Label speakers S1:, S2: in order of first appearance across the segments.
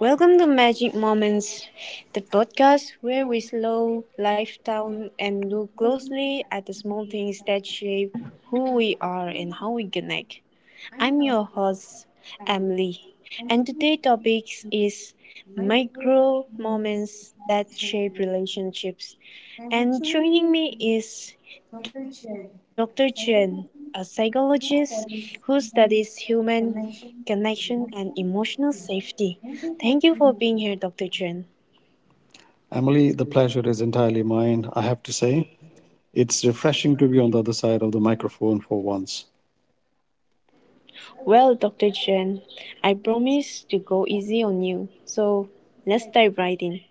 S1: Welcome to Magic Moments, the podcast where we slow life down and look closely at the small things that shape who we are and how we connect. I'm your host, Emily, and today's topic is micro moments that shape relationships. And joining me is Dr. Chen, a psychologist who studies human connection and emotional safety. Thank you for being here, Dr. Chen.
S2: Emily, the pleasure is entirely mine, I have to say. It's refreshing to be on the other side of the microphone for once.
S1: Well, Dr. Chen, I promise to go easy on you, so let's dive right in.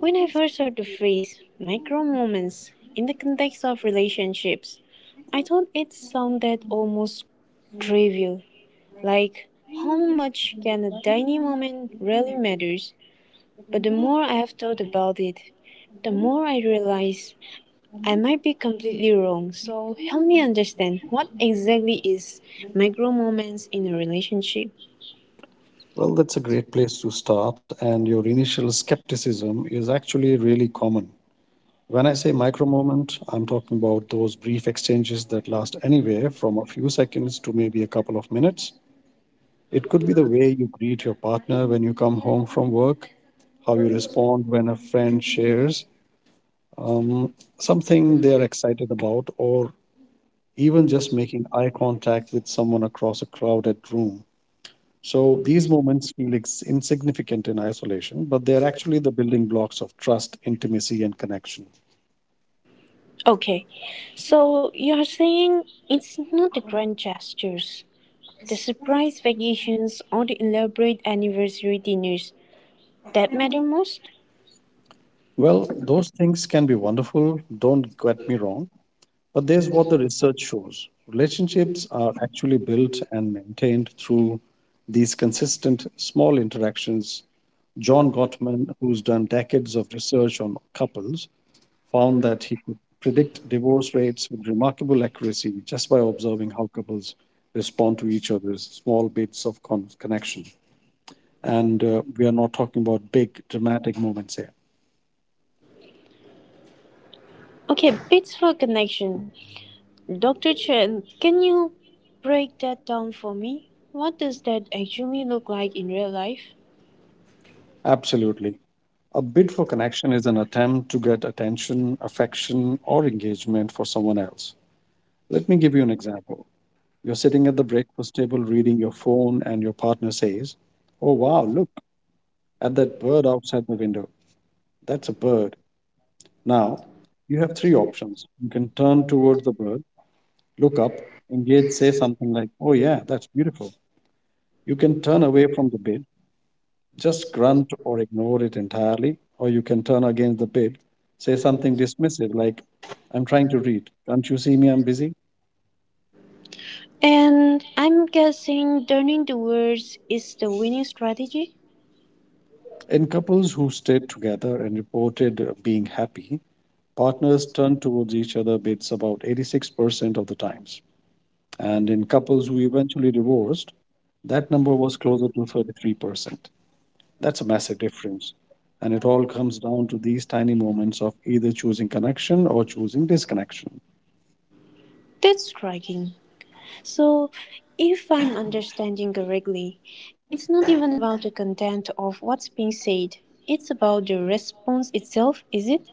S1: When I first heard the phrase "micro moments" in the context of relationships, I thought it sounded almost trivial, like how much can a tiny moment really matters. But the more I have thought about it, the more I realize I might be completely wrong. So help me understand what exactly is micro moments in a relationship.
S2: Well, that's a great place to start, and your initial skepticism is actually really common. When I say micro moment, I'm talking about those brief exchanges that last anywhere from a few seconds to maybe a couple of minutes. It could be the way you greet your partner when you come home from work, how you respond when a friend shares um, something they're excited about, or even just making eye contact with someone across a crowded room. So these moments feel insignificant in isolation, but they're actually the building blocks of trust, intimacy, and connection.
S1: Okay, so you are saying it's not the grand gestures, the surprise vacations or the elaborate anniversary dinners, that matter most?
S2: Well, those things can be wonderful, don't get me wrong, but there's what the research shows relationships are actually built and maintained through these consistent small interactions. John Gottman, who's done decades of research on couples, found that he could predict divorce rates with remarkable accuracy just by observing how couples respond to each other's small bits of connection. And we are not talking about big dramatic moments here.
S1: Okay, bits for connection. Dr. Chen, can you break that down for me? What does that actually look like in real life?
S2: Absolutely. A bid for connection is an attempt to get attention, affection, or engagement for someone else. Let me give you an example. You're sitting at the breakfast table reading your phone, and your partner says, "Oh, wow, look at that bird outside the window. That's a bird." Now, you have three options. You can turn towards the bird, look up, engage, say something like, "Oh, yeah, that's beautiful." You can turn away from the bid, just grunt or ignore it entirely, or you can turn against the bid, say something dismissive like, "I'm trying to read, can't you see me? I'm busy."
S1: And I'm guessing turning the words is the winning strategy?
S2: In couples who stayed together and reported being happy, partners turned towards each other bids about 86% of the times. And in couples who eventually divorced, that number was closer to 33%. That's a massive difference. And it all comes down to these tiny moments of either choosing connection or choosing disconnection.
S1: That's striking. So, if I'm understanding correctly, it's not even about the content of what's being said, it's about the response itself, is it?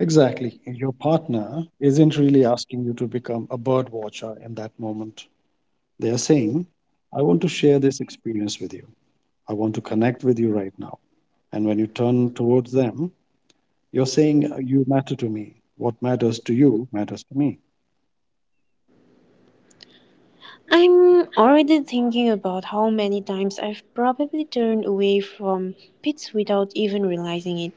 S2: Exactly. Your partner isn't really asking you to become a bird watcher in that moment. They are saying, "I want to share this experience with you. I want to connect with you right now." And when you turn towards them, you're saying, " You matter to me. What matters to you matters to me."
S1: I'm already thinking about how many times I've probably turned away from pits without even realizing it.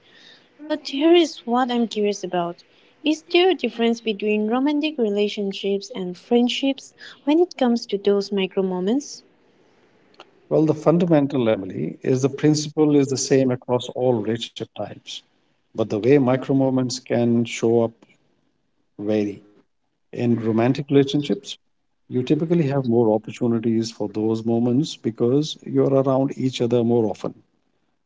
S1: But here is what I'm curious about. Is there a difference between romantic relationships and friendships when it comes to those micro moments?
S2: Well, the fundamental, Emily, is the principle is the same across all relationship types. But the way micro moments can show up vary. In romantic relationships, you typically have more opportunities for those moments because you're around each other more often.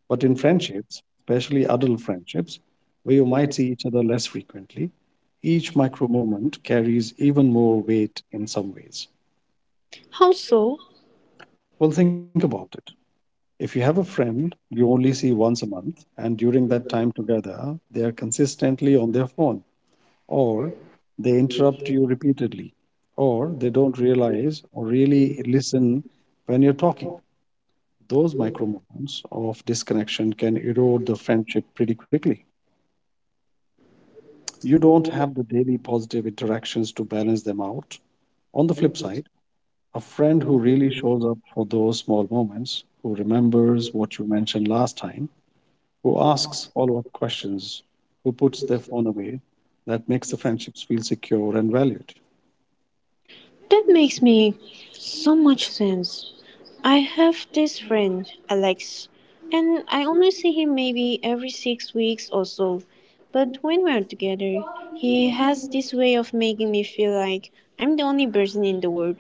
S2: But in friendships, especially adult friendships, where you might see each other less frequently, each micro moment carries even more weight in some ways.
S1: How so?
S2: Well, think about it. If you have a friend you only see once a month, and during that time together, they are consistently on their phone, or they interrupt you repeatedly, or they don't realize or really listen when you're talking. Those micro moments of disconnection can erode the friendship pretty quickly. You don't have the daily positive interactions to balance them out. On the flip side, a friend who really shows up for those small moments, who remembers what you mentioned last time, who asks follow up questions, who puts their phone away, that makes the friendships feel secure and valued.
S1: That makes me so much sense. I have this friend, Alex, and I only see him maybe every six weeks or so. But when we're together, he has this way of making me feel like I'm the only person in the world.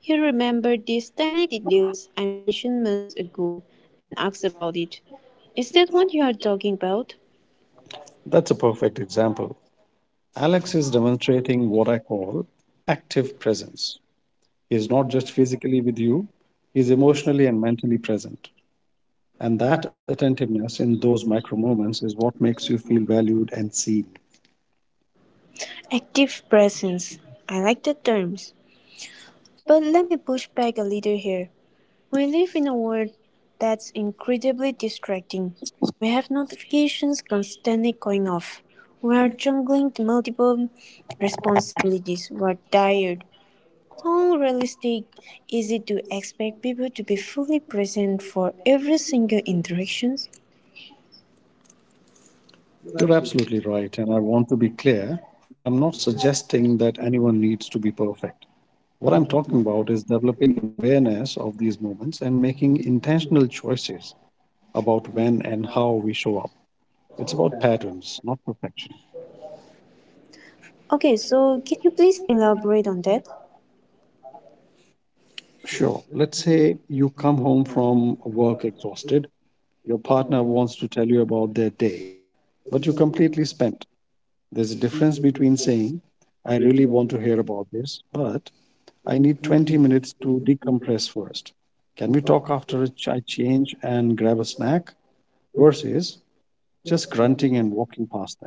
S1: He remembered these tiny details I mentioned months ago and asked about it. Is that what you are talking about?
S2: That's a perfect example. Alex is demonstrating what I call active presence. He's not just physically with you, he's emotionally and mentally present. And that attentiveness in those micro moments is what makes you feel valued and seen.
S1: Active presence. I like the terms. But let me push back a little here. We live in a world that's incredibly distracting. We have notifications constantly going off. We are juggling multiple responsibilities. We're tired. How realistic is it to expect people to be fully present for every single interaction?
S2: You're absolutely right. And I want to be clear, I'm not suggesting that anyone needs to be perfect. What I'm talking about is developing an awareness of these moments and making intentional choices about when and how we show up. It's about patterns, not perfection.
S1: Okay, so can you please elaborate on that?
S2: Sure. Let's say you come home from work exhausted. Your partner wants to tell you about their day, but you're completely spent. There's a difference between saying, "I really want to hear about this, but I need 20 minutes to decompress first. Can we talk after a I change and grab a snack?" Versus just grunting and walking past them.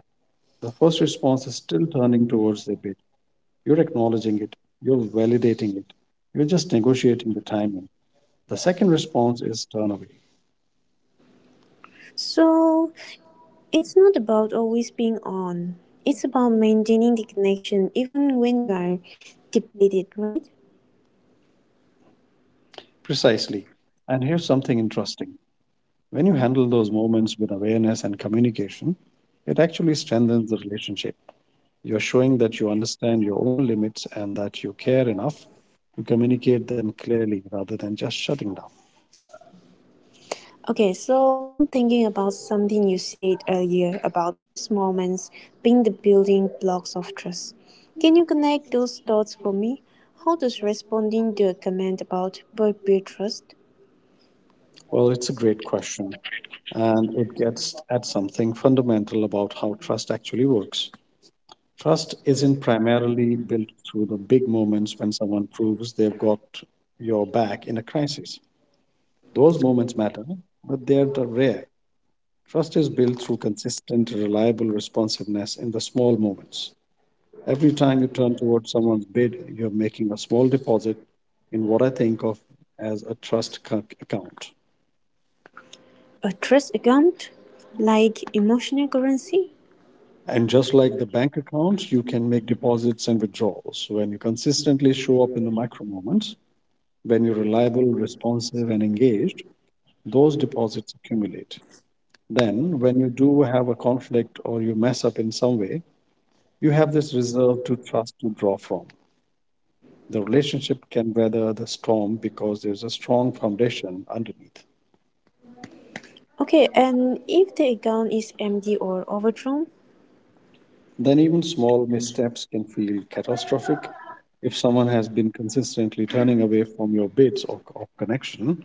S2: The first response is still turning towards their bed. You're acknowledging it, you're validating it, you're just negotiating the timing. The second response is turn away.
S1: So it's not about always being on. It's about maintaining the connection even when you are depleted, right?
S2: Precisely. And here's something interesting. When you handle those moments with awareness and communication, it actually strengthens the relationship. You're showing that you understand your own limits and that you care enough to communicate them clearly rather than just shutting down.
S1: Okay, so I'm thinking about something you said earlier about these moments being the building blocks of trust. Can you connect those dots for me? How does responding to a comment about build trust?
S2: Well, it's a great question, and it gets at something fundamental about how trust actually works. Trust isn't primarily built through the big moments when someone proves they've got your back in a crisis. Those moments matter, but they are rare. Trust is built through consistent, reliable responsiveness in the small moments. Every time you turn towards someone's bid, you're making a small deposit in what I think of as a trust account.
S1: A trust account? Like emotional currency?
S2: And just like the bank account, you can make deposits and withdrawals. When you consistently show up in the micro moments, when you're reliable, responsive, and engaged, those deposits accumulate. Then, when you do have a conflict or you mess up in some way, you have this reserve to trust to draw from. The relationship can weather the storm because there's a strong foundation underneath.
S1: Okay, and if the account is empty or overdrawn?
S2: Then, even small missteps can feel catastrophic. If someone has been consistently turning away from your bids or connection,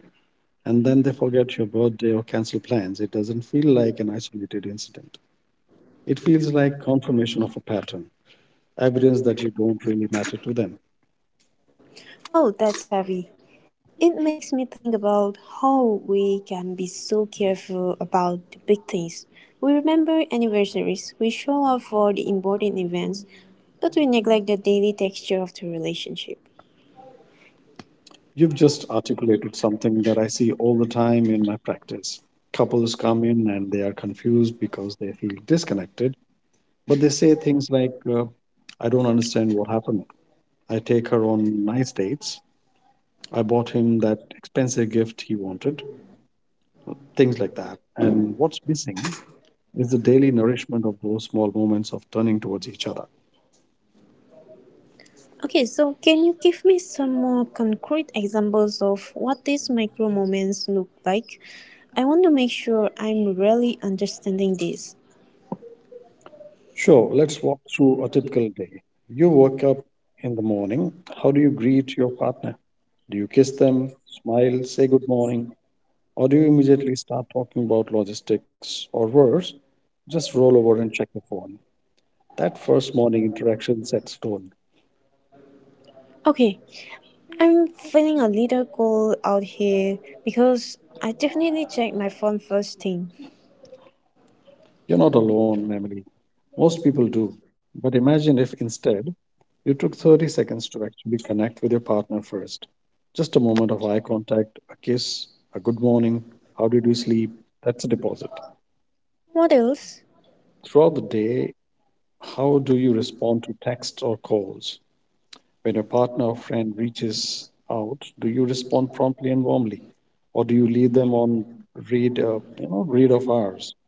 S2: and then they forget your birthday or cancel plans, it doesn't feel like an isolated incident. It feels like confirmation of a pattern, evidence that you don't really matter to them.
S1: Oh, that's heavy. It makes me think about how we can be so careful about the big things. We remember anniversaries, we show up for the important events, but we neglect the daily texture of the relationship.
S2: You've just articulated something that I see all the time in my practice. Couples come in and they are confused because they feel disconnected, but they say things like, "I don't understand what happened. I take her on nice dates. I bought him that expensive gift he wanted," things like that. And what's missing is the daily nourishment of those small moments of turning towards each other.
S1: Okay, so can you give me some more concrete examples of what these micro moments look like? I want to make sure I'm really understanding this.
S2: Sure, let's walk through a typical day. You wake up in the morning. How do you greet your partner? Do you kiss them, smile, say good morning, or do you immediately start talking about logistics or worse? Just roll over and check your phone. That first morning interaction sets tone.
S1: Okay, I'm feeling a little cold out here because I definitely check my phone first thing.
S2: You're not alone, Emily. Most people do. But imagine if instead you took 30 seconds to actually connect with your partner first. Just a moment of eye contact, a kiss, a good morning, how did you sleep? That's a deposit.
S1: Models,
S2: Throughout the day, how do you respond to texts or calls? When your partner or friend reaches out, do you respond promptly and warmly? Or do you leave them on read, you know, read of hours?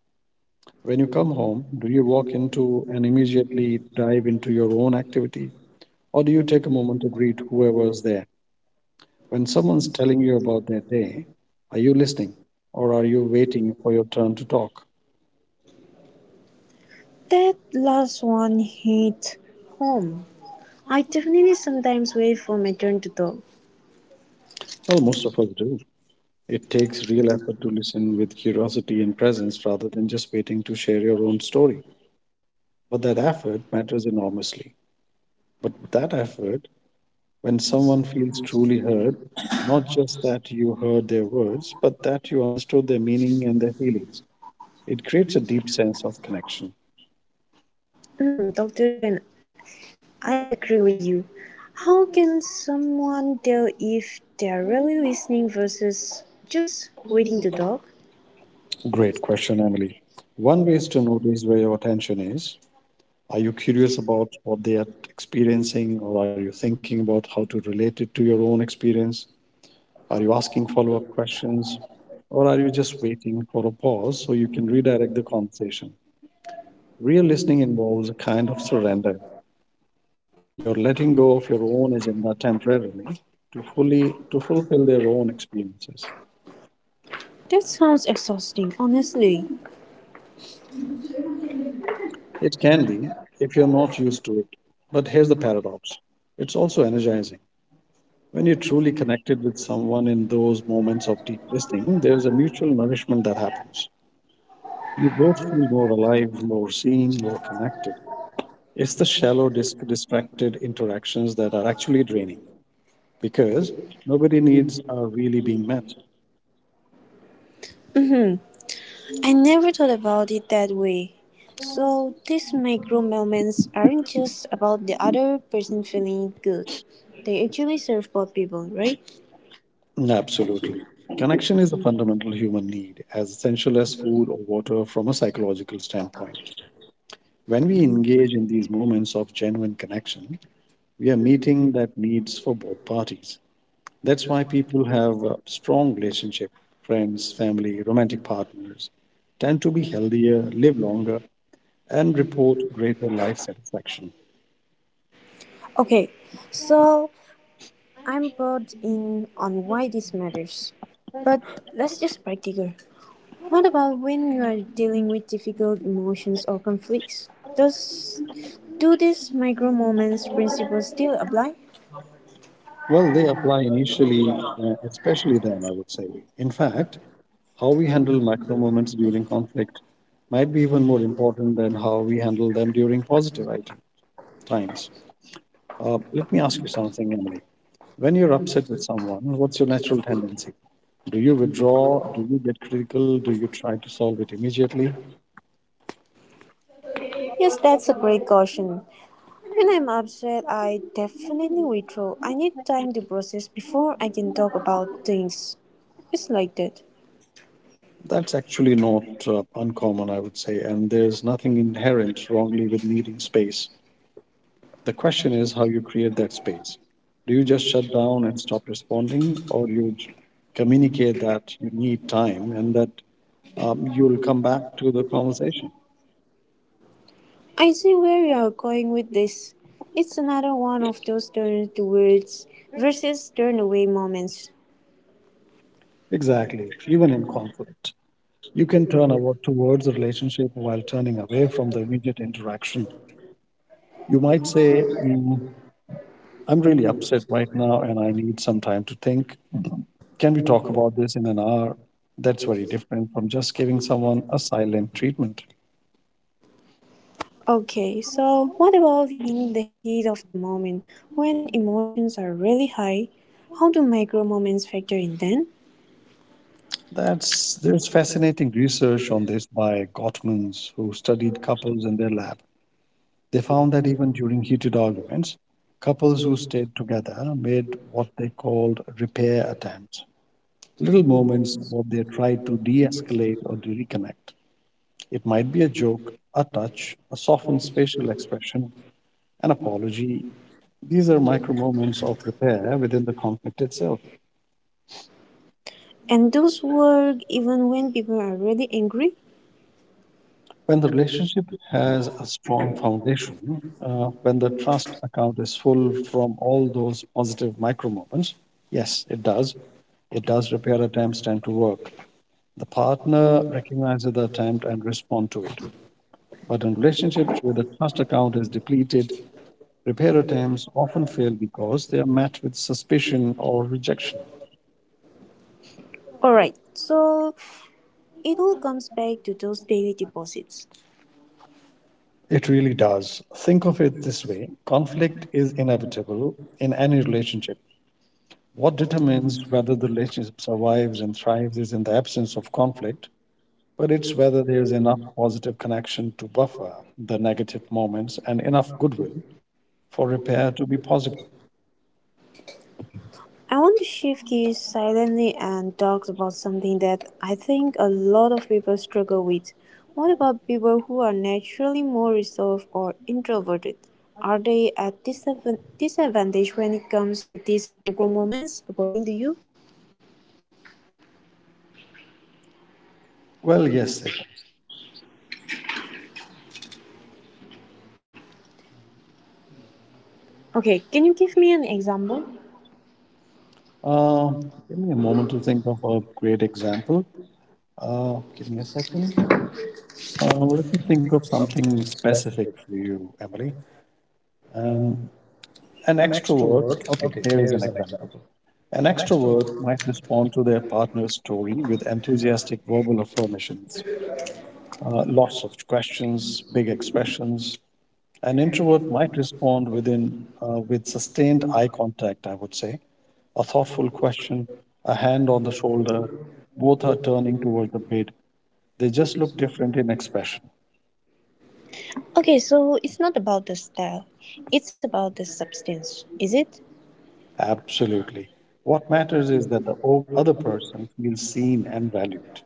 S2: When you come home, do you walk into and immediately dive into your own activity? Or do you take a moment to greet whoever is there? When someone's telling you about their day, are you listening? Or are you waiting for your turn to talk?
S1: that last one hit home. I definitely sometimes wait for my turn to talk.
S2: Well, most of us do. It takes real effort to listen with curiosity and presence rather than just waiting to share your own story. But that effort matters enormously. But that effort When someone feels truly heard, not just that you heard their words, but that you understood their meaning and their feelings, it creates a deep sense of connection.
S1: Hmm, Dr. Chen, I agree with you. How can someone tell if they're really listening versus just waiting to talk?
S2: Great question, Emily. One way is to notice where your attention is. Are you curious about what they are experiencing, or are you thinking about how to relate it to your own experience? Are you asking follow up questions, or are you just waiting for a pause so you can redirect the conversation? Real listening involves a kind of surrender. You're letting go of your own agenda temporarily to fulfill their own experiences.
S1: That sounds exhausting, honestly.
S2: It can be if you're not used to it. But here's the paradox. It's also energizing. When you're truly connected with someone in those moments of deep listening, there's a mutual nourishment that happens. You both feel more alive, more seen, more connected. It's the shallow, distracted interactions that are actually draining because nobody needs are really being met.
S1: Hmm, I never thought about it that way. So, these micro moments aren't just about the other person feeling good. They actually serve both people, right?
S2: Absolutely. Connection is a fundamental human need, as essential as food or water from a psychological standpoint. When we engage in these moments of genuine connection, we are meeting that needs for both parties. That's why people have a strong relationship, friends, family, romantic partners tend to be healthier, live longer, and report greater life satisfaction.
S1: Okay, so I'm brought in on why this matters. But let's just practical. What about when you are dealing with difficult emotions or conflicts? Does do these micro moments principles still apply?
S2: Well, they apply initially, especially then, I would say. In fact, how we handle micro moments during conflict might be even more important than how we handle them during positive item times. Let me ask you something, Emily. When you're upset with someone, what's your natural tendency? Do you withdraw? Do you get critical? Do you try to solve it immediately?
S1: Yes, that's a great caution. When I'm upset, I definitely withdraw. I need time to process before I can talk about things. It's like that.
S2: That's actually not uncommon, I would say, and there's nothing inherent wrongly with needing space. The question is how you create that space. Do you just shut down and stop responding, or communicate that you need time and that you'll come back to the conversation?
S1: I see where you're going with this. It's another one of those turn towards versus turn away moments.
S2: Exactly, even in conflict. You can towards the relationship while turning away from the immediate interaction. You might say, "Mm, I'm really upset right now and I need some time to think. Can we talk about this in an hour?" That's very different from just giving someone a silent treatment.
S1: Okay, so what about in the heat of the moment when emotions are really high? How do micro moments factor in then?
S2: That's There's fascinating research on this by Gottmans, who studied couples in their lab. They found that even during heated arguments, couples who stayed together made what they called repair attempts, little moments where they tried to de-escalate or to reconnect. It might be a joke, a touch, a softened facial expression, an apology. These are micro moments of repair within the conflict itself.
S1: And those work even when people are really angry?
S2: When the relationship has a strong foundation, when the trust account is full from all those positive micro moments, yes, it does. It does repair attempts tend to work. The partner recognizes the attempt and respond to it. But in relationships where the trust account is depleted, repair attempts often fail because they are met with suspicion or rejection.
S1: Alright, so it all comes back to those daily deposits.
S2: It really does. Think of it this way, conflict is inevitable in any relationship. What determines whether the relationship survives and thrives is in the absence of conflict, but it's whether there's enough positive connection to buffer the negative moments and enough goodwill for repair to be possible.
S1: I want to shift you silently and talk about something that I think a lot of people struggle with. What about people who are naturally more reserved or introverted? Are they at disadvantage when it comes to these micro moments, according to you?
S2: Well, yes, it.
S1: Okay, can you give me an example?
S2: Uh, Give me a moment to think of a great example. Give me a second. Let me think of something specific for you, Emily. Um, an extrovert. Okay, here is an example. An extrovert might respond to their partner's story with enthusiastic verbal affirmations, lots of questions, big expressions. An introvert might respond with sustained eye contact, I would say, a thoughtful question, a hand on the shoulder. Both are turning toward the bid. They just look different in expression.
S1: Okay, so it's not about the style, it's about the substance, is it?
S2: Absolutely. What matters is that the other person feels seen and valued.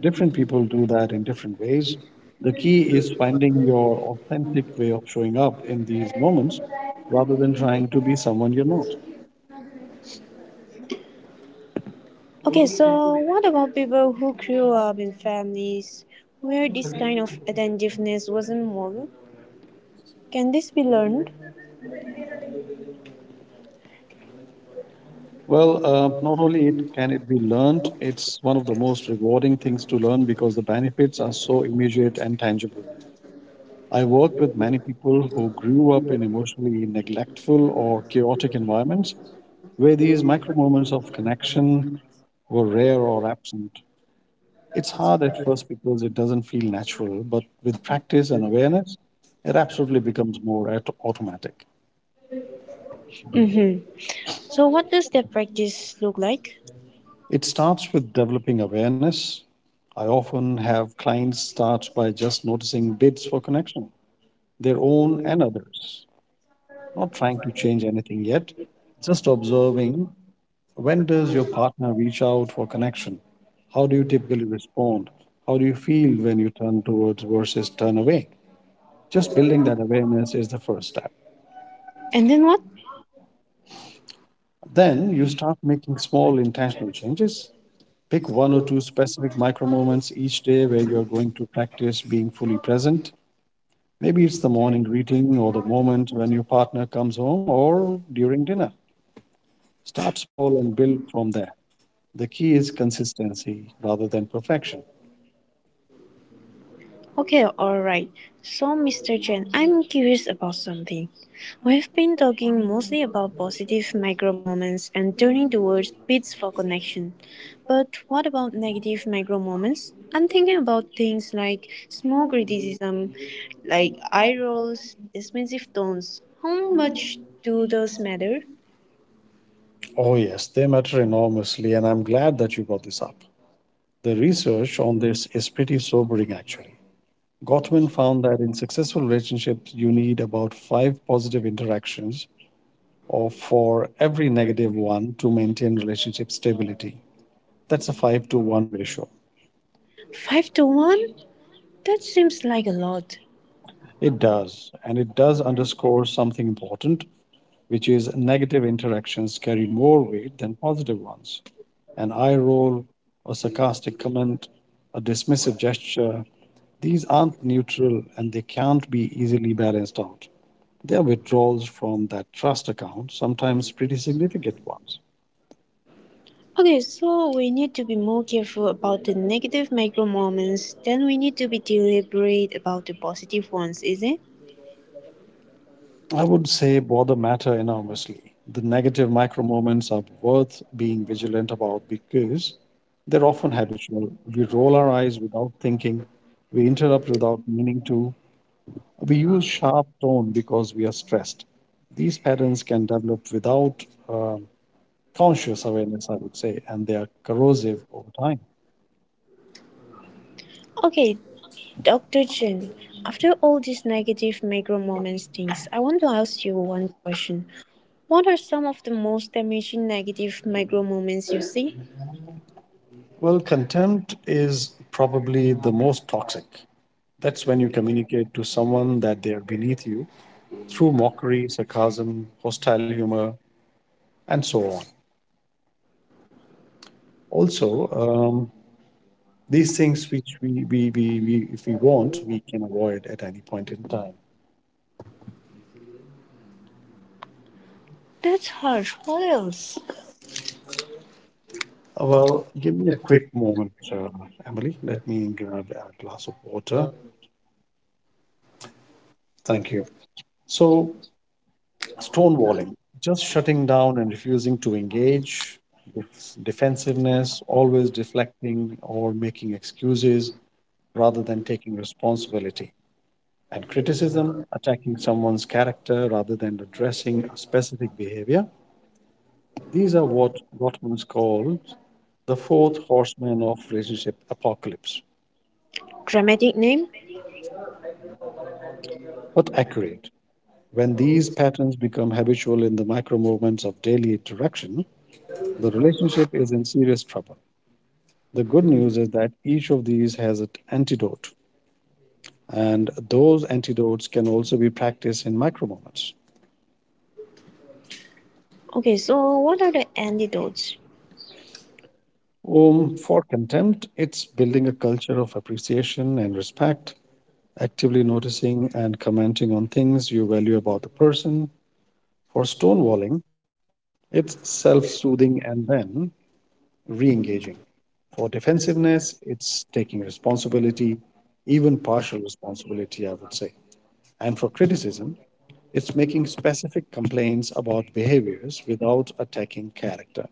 S2: Different people do that in different ways. The key is finding your authentic way of showing up in these moments rather than trying to be someone you're not.
S1: Okay, so what about people who grew up in families where this kind of attentiveness wasn't modeled? Can this be learned?
S2: Well, not only it can it be learned, it's one of the most rewarding things to learn because the benefits are so immediate and tangible. I work with many people who grew up in emotionally neglectful or chaotic environments where these micro moments of connection were rare or absent. It's hard at first because it doesn't feel natural, but with practice and awareness, it absolutely becomes more automatic.
S1: Mm-hmm. So what does that practice look like?
S2: It starts with developing awareness. I often have clients start by just noticing bids for connection, their own and others, not trying to change anything yet, just observing, when does your partner reach out for connection? How do you typically respond? How do you feel when you turn towards versus turn away? Just building that awareness is the first step.
S1: And then what?
S2: Then you start making small intentional changes. Pick one or two specific micro moments each day where you're going to practice being fully present. Maybe it's the morning greeting or the moment when your partner comes home or during dinner. Start small and build from there. The key is consistency rather than perfection.
S1: Okay, alright. So Mr. Chen, I'm curious about something. We've been talking mostly about positive micro moments and turning towards bits for connection. But what about negative micro moments? I'm thinking about things like small criticism, like eye rolls, dismissive tones. How much do those matter?
S2: Oh, yes, they matter enormously, and I'm glad that you brought this up. The research on this is pretty sobering, actually. Gottman found that in successful relationships, you need about five positive interactions or for every negative one to maintain relationship stability. That's a five to one ratio.
S1: Five to one? That seems like a lot.
S2: It does, and it does underscore something important, which is negative interactions carry more weight than positive ones. An eye roll, a sarcastic comment, a dismissive gesture, these aren't neutral and they can't be easily balanced out. Their withdrawals from that trust account, sometimes pretty significant ones.
S1: Okay, so we need to be more careful about the negative micro moments Then we need to be deliberate about the positive ones, is it?
S2: I would say bother matter enormously. The negative micro moments are worth being vigilant about because they're often habitual. We roll our eyes without thinking, we interrupt without meaning to, we use sharp tone because we are stressed. These patterns can develop without conscious awareness, I would say, and they are corrosive over time.
S1: Okay, Dr. Chen, after all these negative micro moments things, I want to ask you one question. What are some of the most damaging negative micro moments you see?
S2: Well, contempt is probably the most toxic. That's when you communicate to someone that they are beneath you through mockery, sarcasm, hostile humor, and so on. Also, these things which if we want, we can avoid at any point in time.
S1: That's harsh. What else?
S2: Well, give me a quick moment, Emily. Let me grab a glass of water. Thank you. So, stonewalling, just shutting down and refusing to engage, defensiveness, always deflecting or making excuses, rather than taking responsibility, and criticism, attacking someone's character rather than addressing a specific behavior. These are what Gottman calls the fourth horseman of relationship apocalypse,
S1: Dramatic name?
S2: but accurate. When these patterns become habitual in the micro movements of daily interaction, the relationship is in serious trouble. The good news is that each of these has an antidote, and those antidotes can also be practiced in micro moments.
S1: Okay, so what are the antidotes?
S2: For contempt, it's building a culture of appreciation and respect, actively noticing and commenting on things you value about the person. For stonewalling, it's self soothing and then re engaging. For defensiveness, it's taking responsibility, even partial responsibility, I would say. And for criticism, it's making specific complaints about behaviors without attacking character.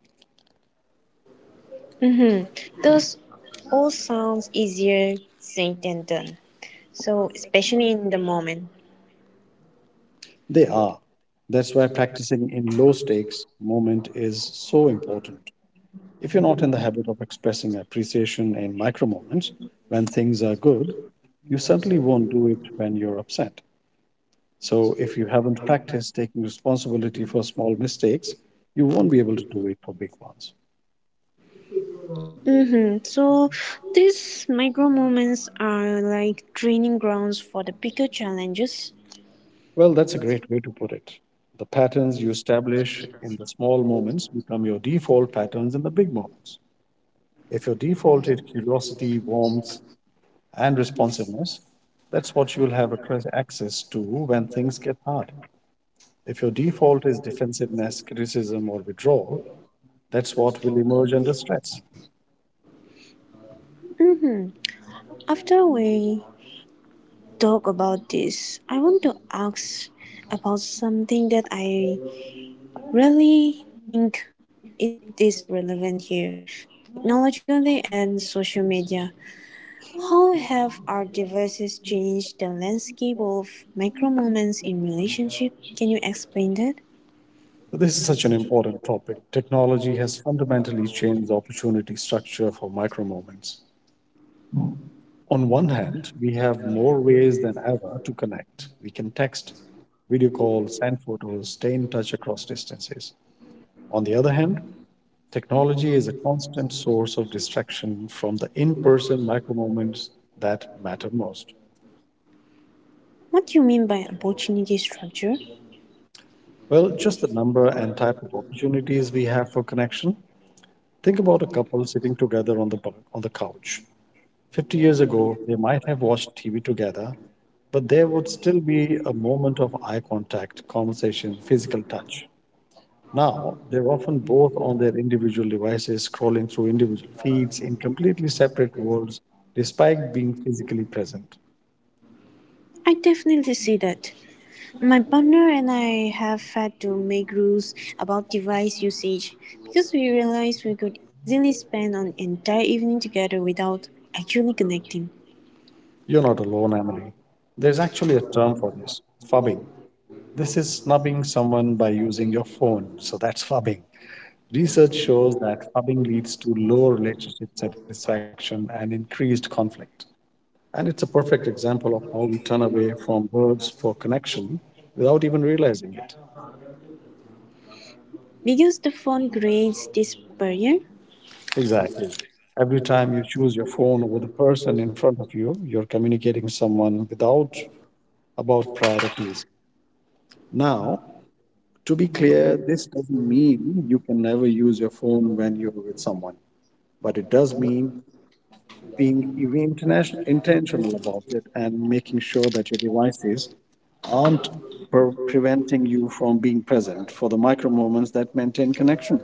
S1: Mm-hmm. Those all sounds easier said than done. So especially in the moment.
S2: They are. That's why practicing in low stakes moment is so important. If you're not in the habit of expressing appreciation in micro moments when things are good, you certainly won't do it when you're upset. So if you haven't practiced taking responsibility for small mistakes, you won't be able to do it for big ones.
S1: Mm-hmm. So these micro moments are like training grounds for the bigger challenges.
S2: Well, that's a great way to put it. The patterns you establish in the small moments become your default patterns in the big moments. If your default is curiosity, warmth, and responsiveness, that's what you'll have access to when things get hard. If your default is defensiveness, criticism, or withdrawal, that's what will emerge under stress.
S1: Mm-hmm. After we talk about this, I want to ask about something that I really think it is relevant here, technologically and social media. How have our devices changed the landscape of micro moments in relationship? Can you explain that?
S2: So this is such an important topic. Technology has fundamentally changed the opportunity structure for micro moments. On one hand, we have more ways than ever to connect. We can text, video call, send photos, stay in touch across distances. On the other hand, technology is a constant source of distraction from the in person micro moments that matter most.
S1: What do you mean by opportunity structure?
S2: Well, just the number and type of opportunities we have for connection. Think about a couple sitting together on on the couch. 50 years ago, they might have watched TV together, but there would still be a moment of eye contact, conversation, physical touch. Now, they're often both on their individual devices, scrolling through individual feeds in completely separate worlds, despite being physically present.
S1: I definitely see that. My partner and I have had to make rules about device usage because we realized we could easily spend an entire evening together without actually connecting.
S2: You're not alone, Emily. There's actually a term for this, fubbing. This is snubbing someone by using your phone, so that's fubbing. Research shows that fubbing leads to lower relationship satisfaction and increased conflict. And it's a perfect example of how we turn away from words for connection without even realizing it.
S1: Because the phone creates this barrier,
S2: Exactly. Every time you choose your phone over the person in front of you, you're communicating someone without about priorities. Now, to be clear, this doesn't mean you can never use your phone when you're with someone, but it does mean being even intentional about it and making sure that your devices aren't preventing you from being present for the micro moments that maintain connection.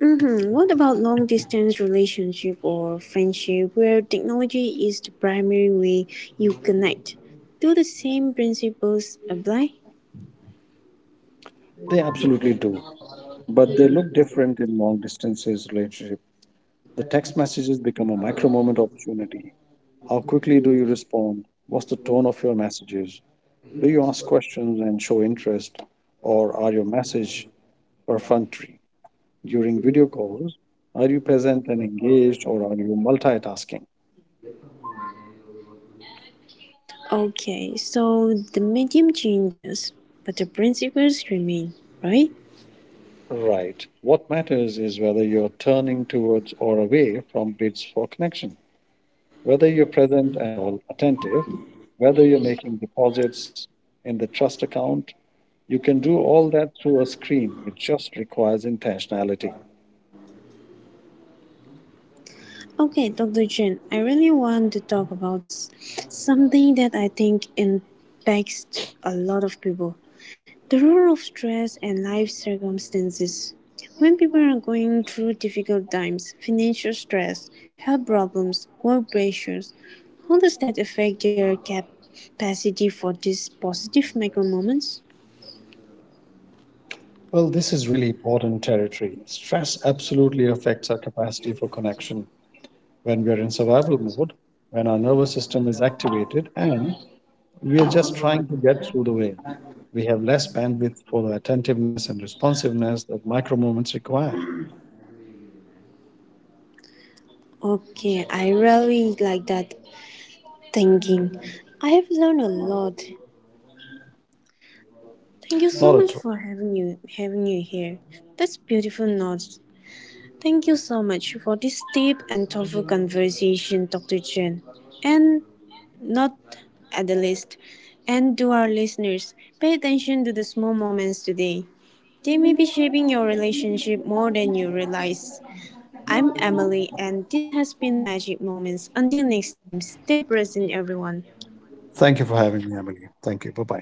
S1: hmm, what about long distance relationship or friendship where technology is the primary way you connect? Do the same principles apply?
S2: They absolutely do, but they look different in long distances relationship. The text messages become a micro moment opportunity. How quickly do you respond? What's the tone of your messages? Do you ask questions and show interest, or are your message perfunctory? During video calls, are you present and engaged, or are you multitasking?
S1: Okay, so the medium changes, but the principles remain, right?
S2: Right. What matters is whether you're turning towards or away from bids for connection, whether you're present and all attentive, whether you're making deposits in the trust account. You can do all that through a screen. It just requires intentionality.
S1: Okay, Dr. Jen, I really want to talk about something that I think impacts a lot of people, the role of stress and life circumstances. When people are going through difficult times, financial stress, health problems, work pressures, how does that affect their capacity for these positive micro moments?
S2: Well, this is really important territory. Stress absolutely affects our capacity for connection. When we are in survival mode, when our nervous system is activated and we are just trying to get through the day, we have less bandwidth for the attentiveness and responsiveness that micro moments require.
S1: Okay, I really like that thinking. I have learned a lot. Thank you
S2: Not
S1: so
S2: at all.
S1: much for having you here. That's beautiful notes. Thank you so much for this deep and thoughtful conversation, Dr. Chen. And not at the least. And to our listeners, pay attention to the small moments today. They may be shaping your relationship more than you realize. I'm Emily, and this has been Magic Moments. Until next time, stay present, everyone.
S2: Thank you for having me, Emily. Thank you. Bye bye.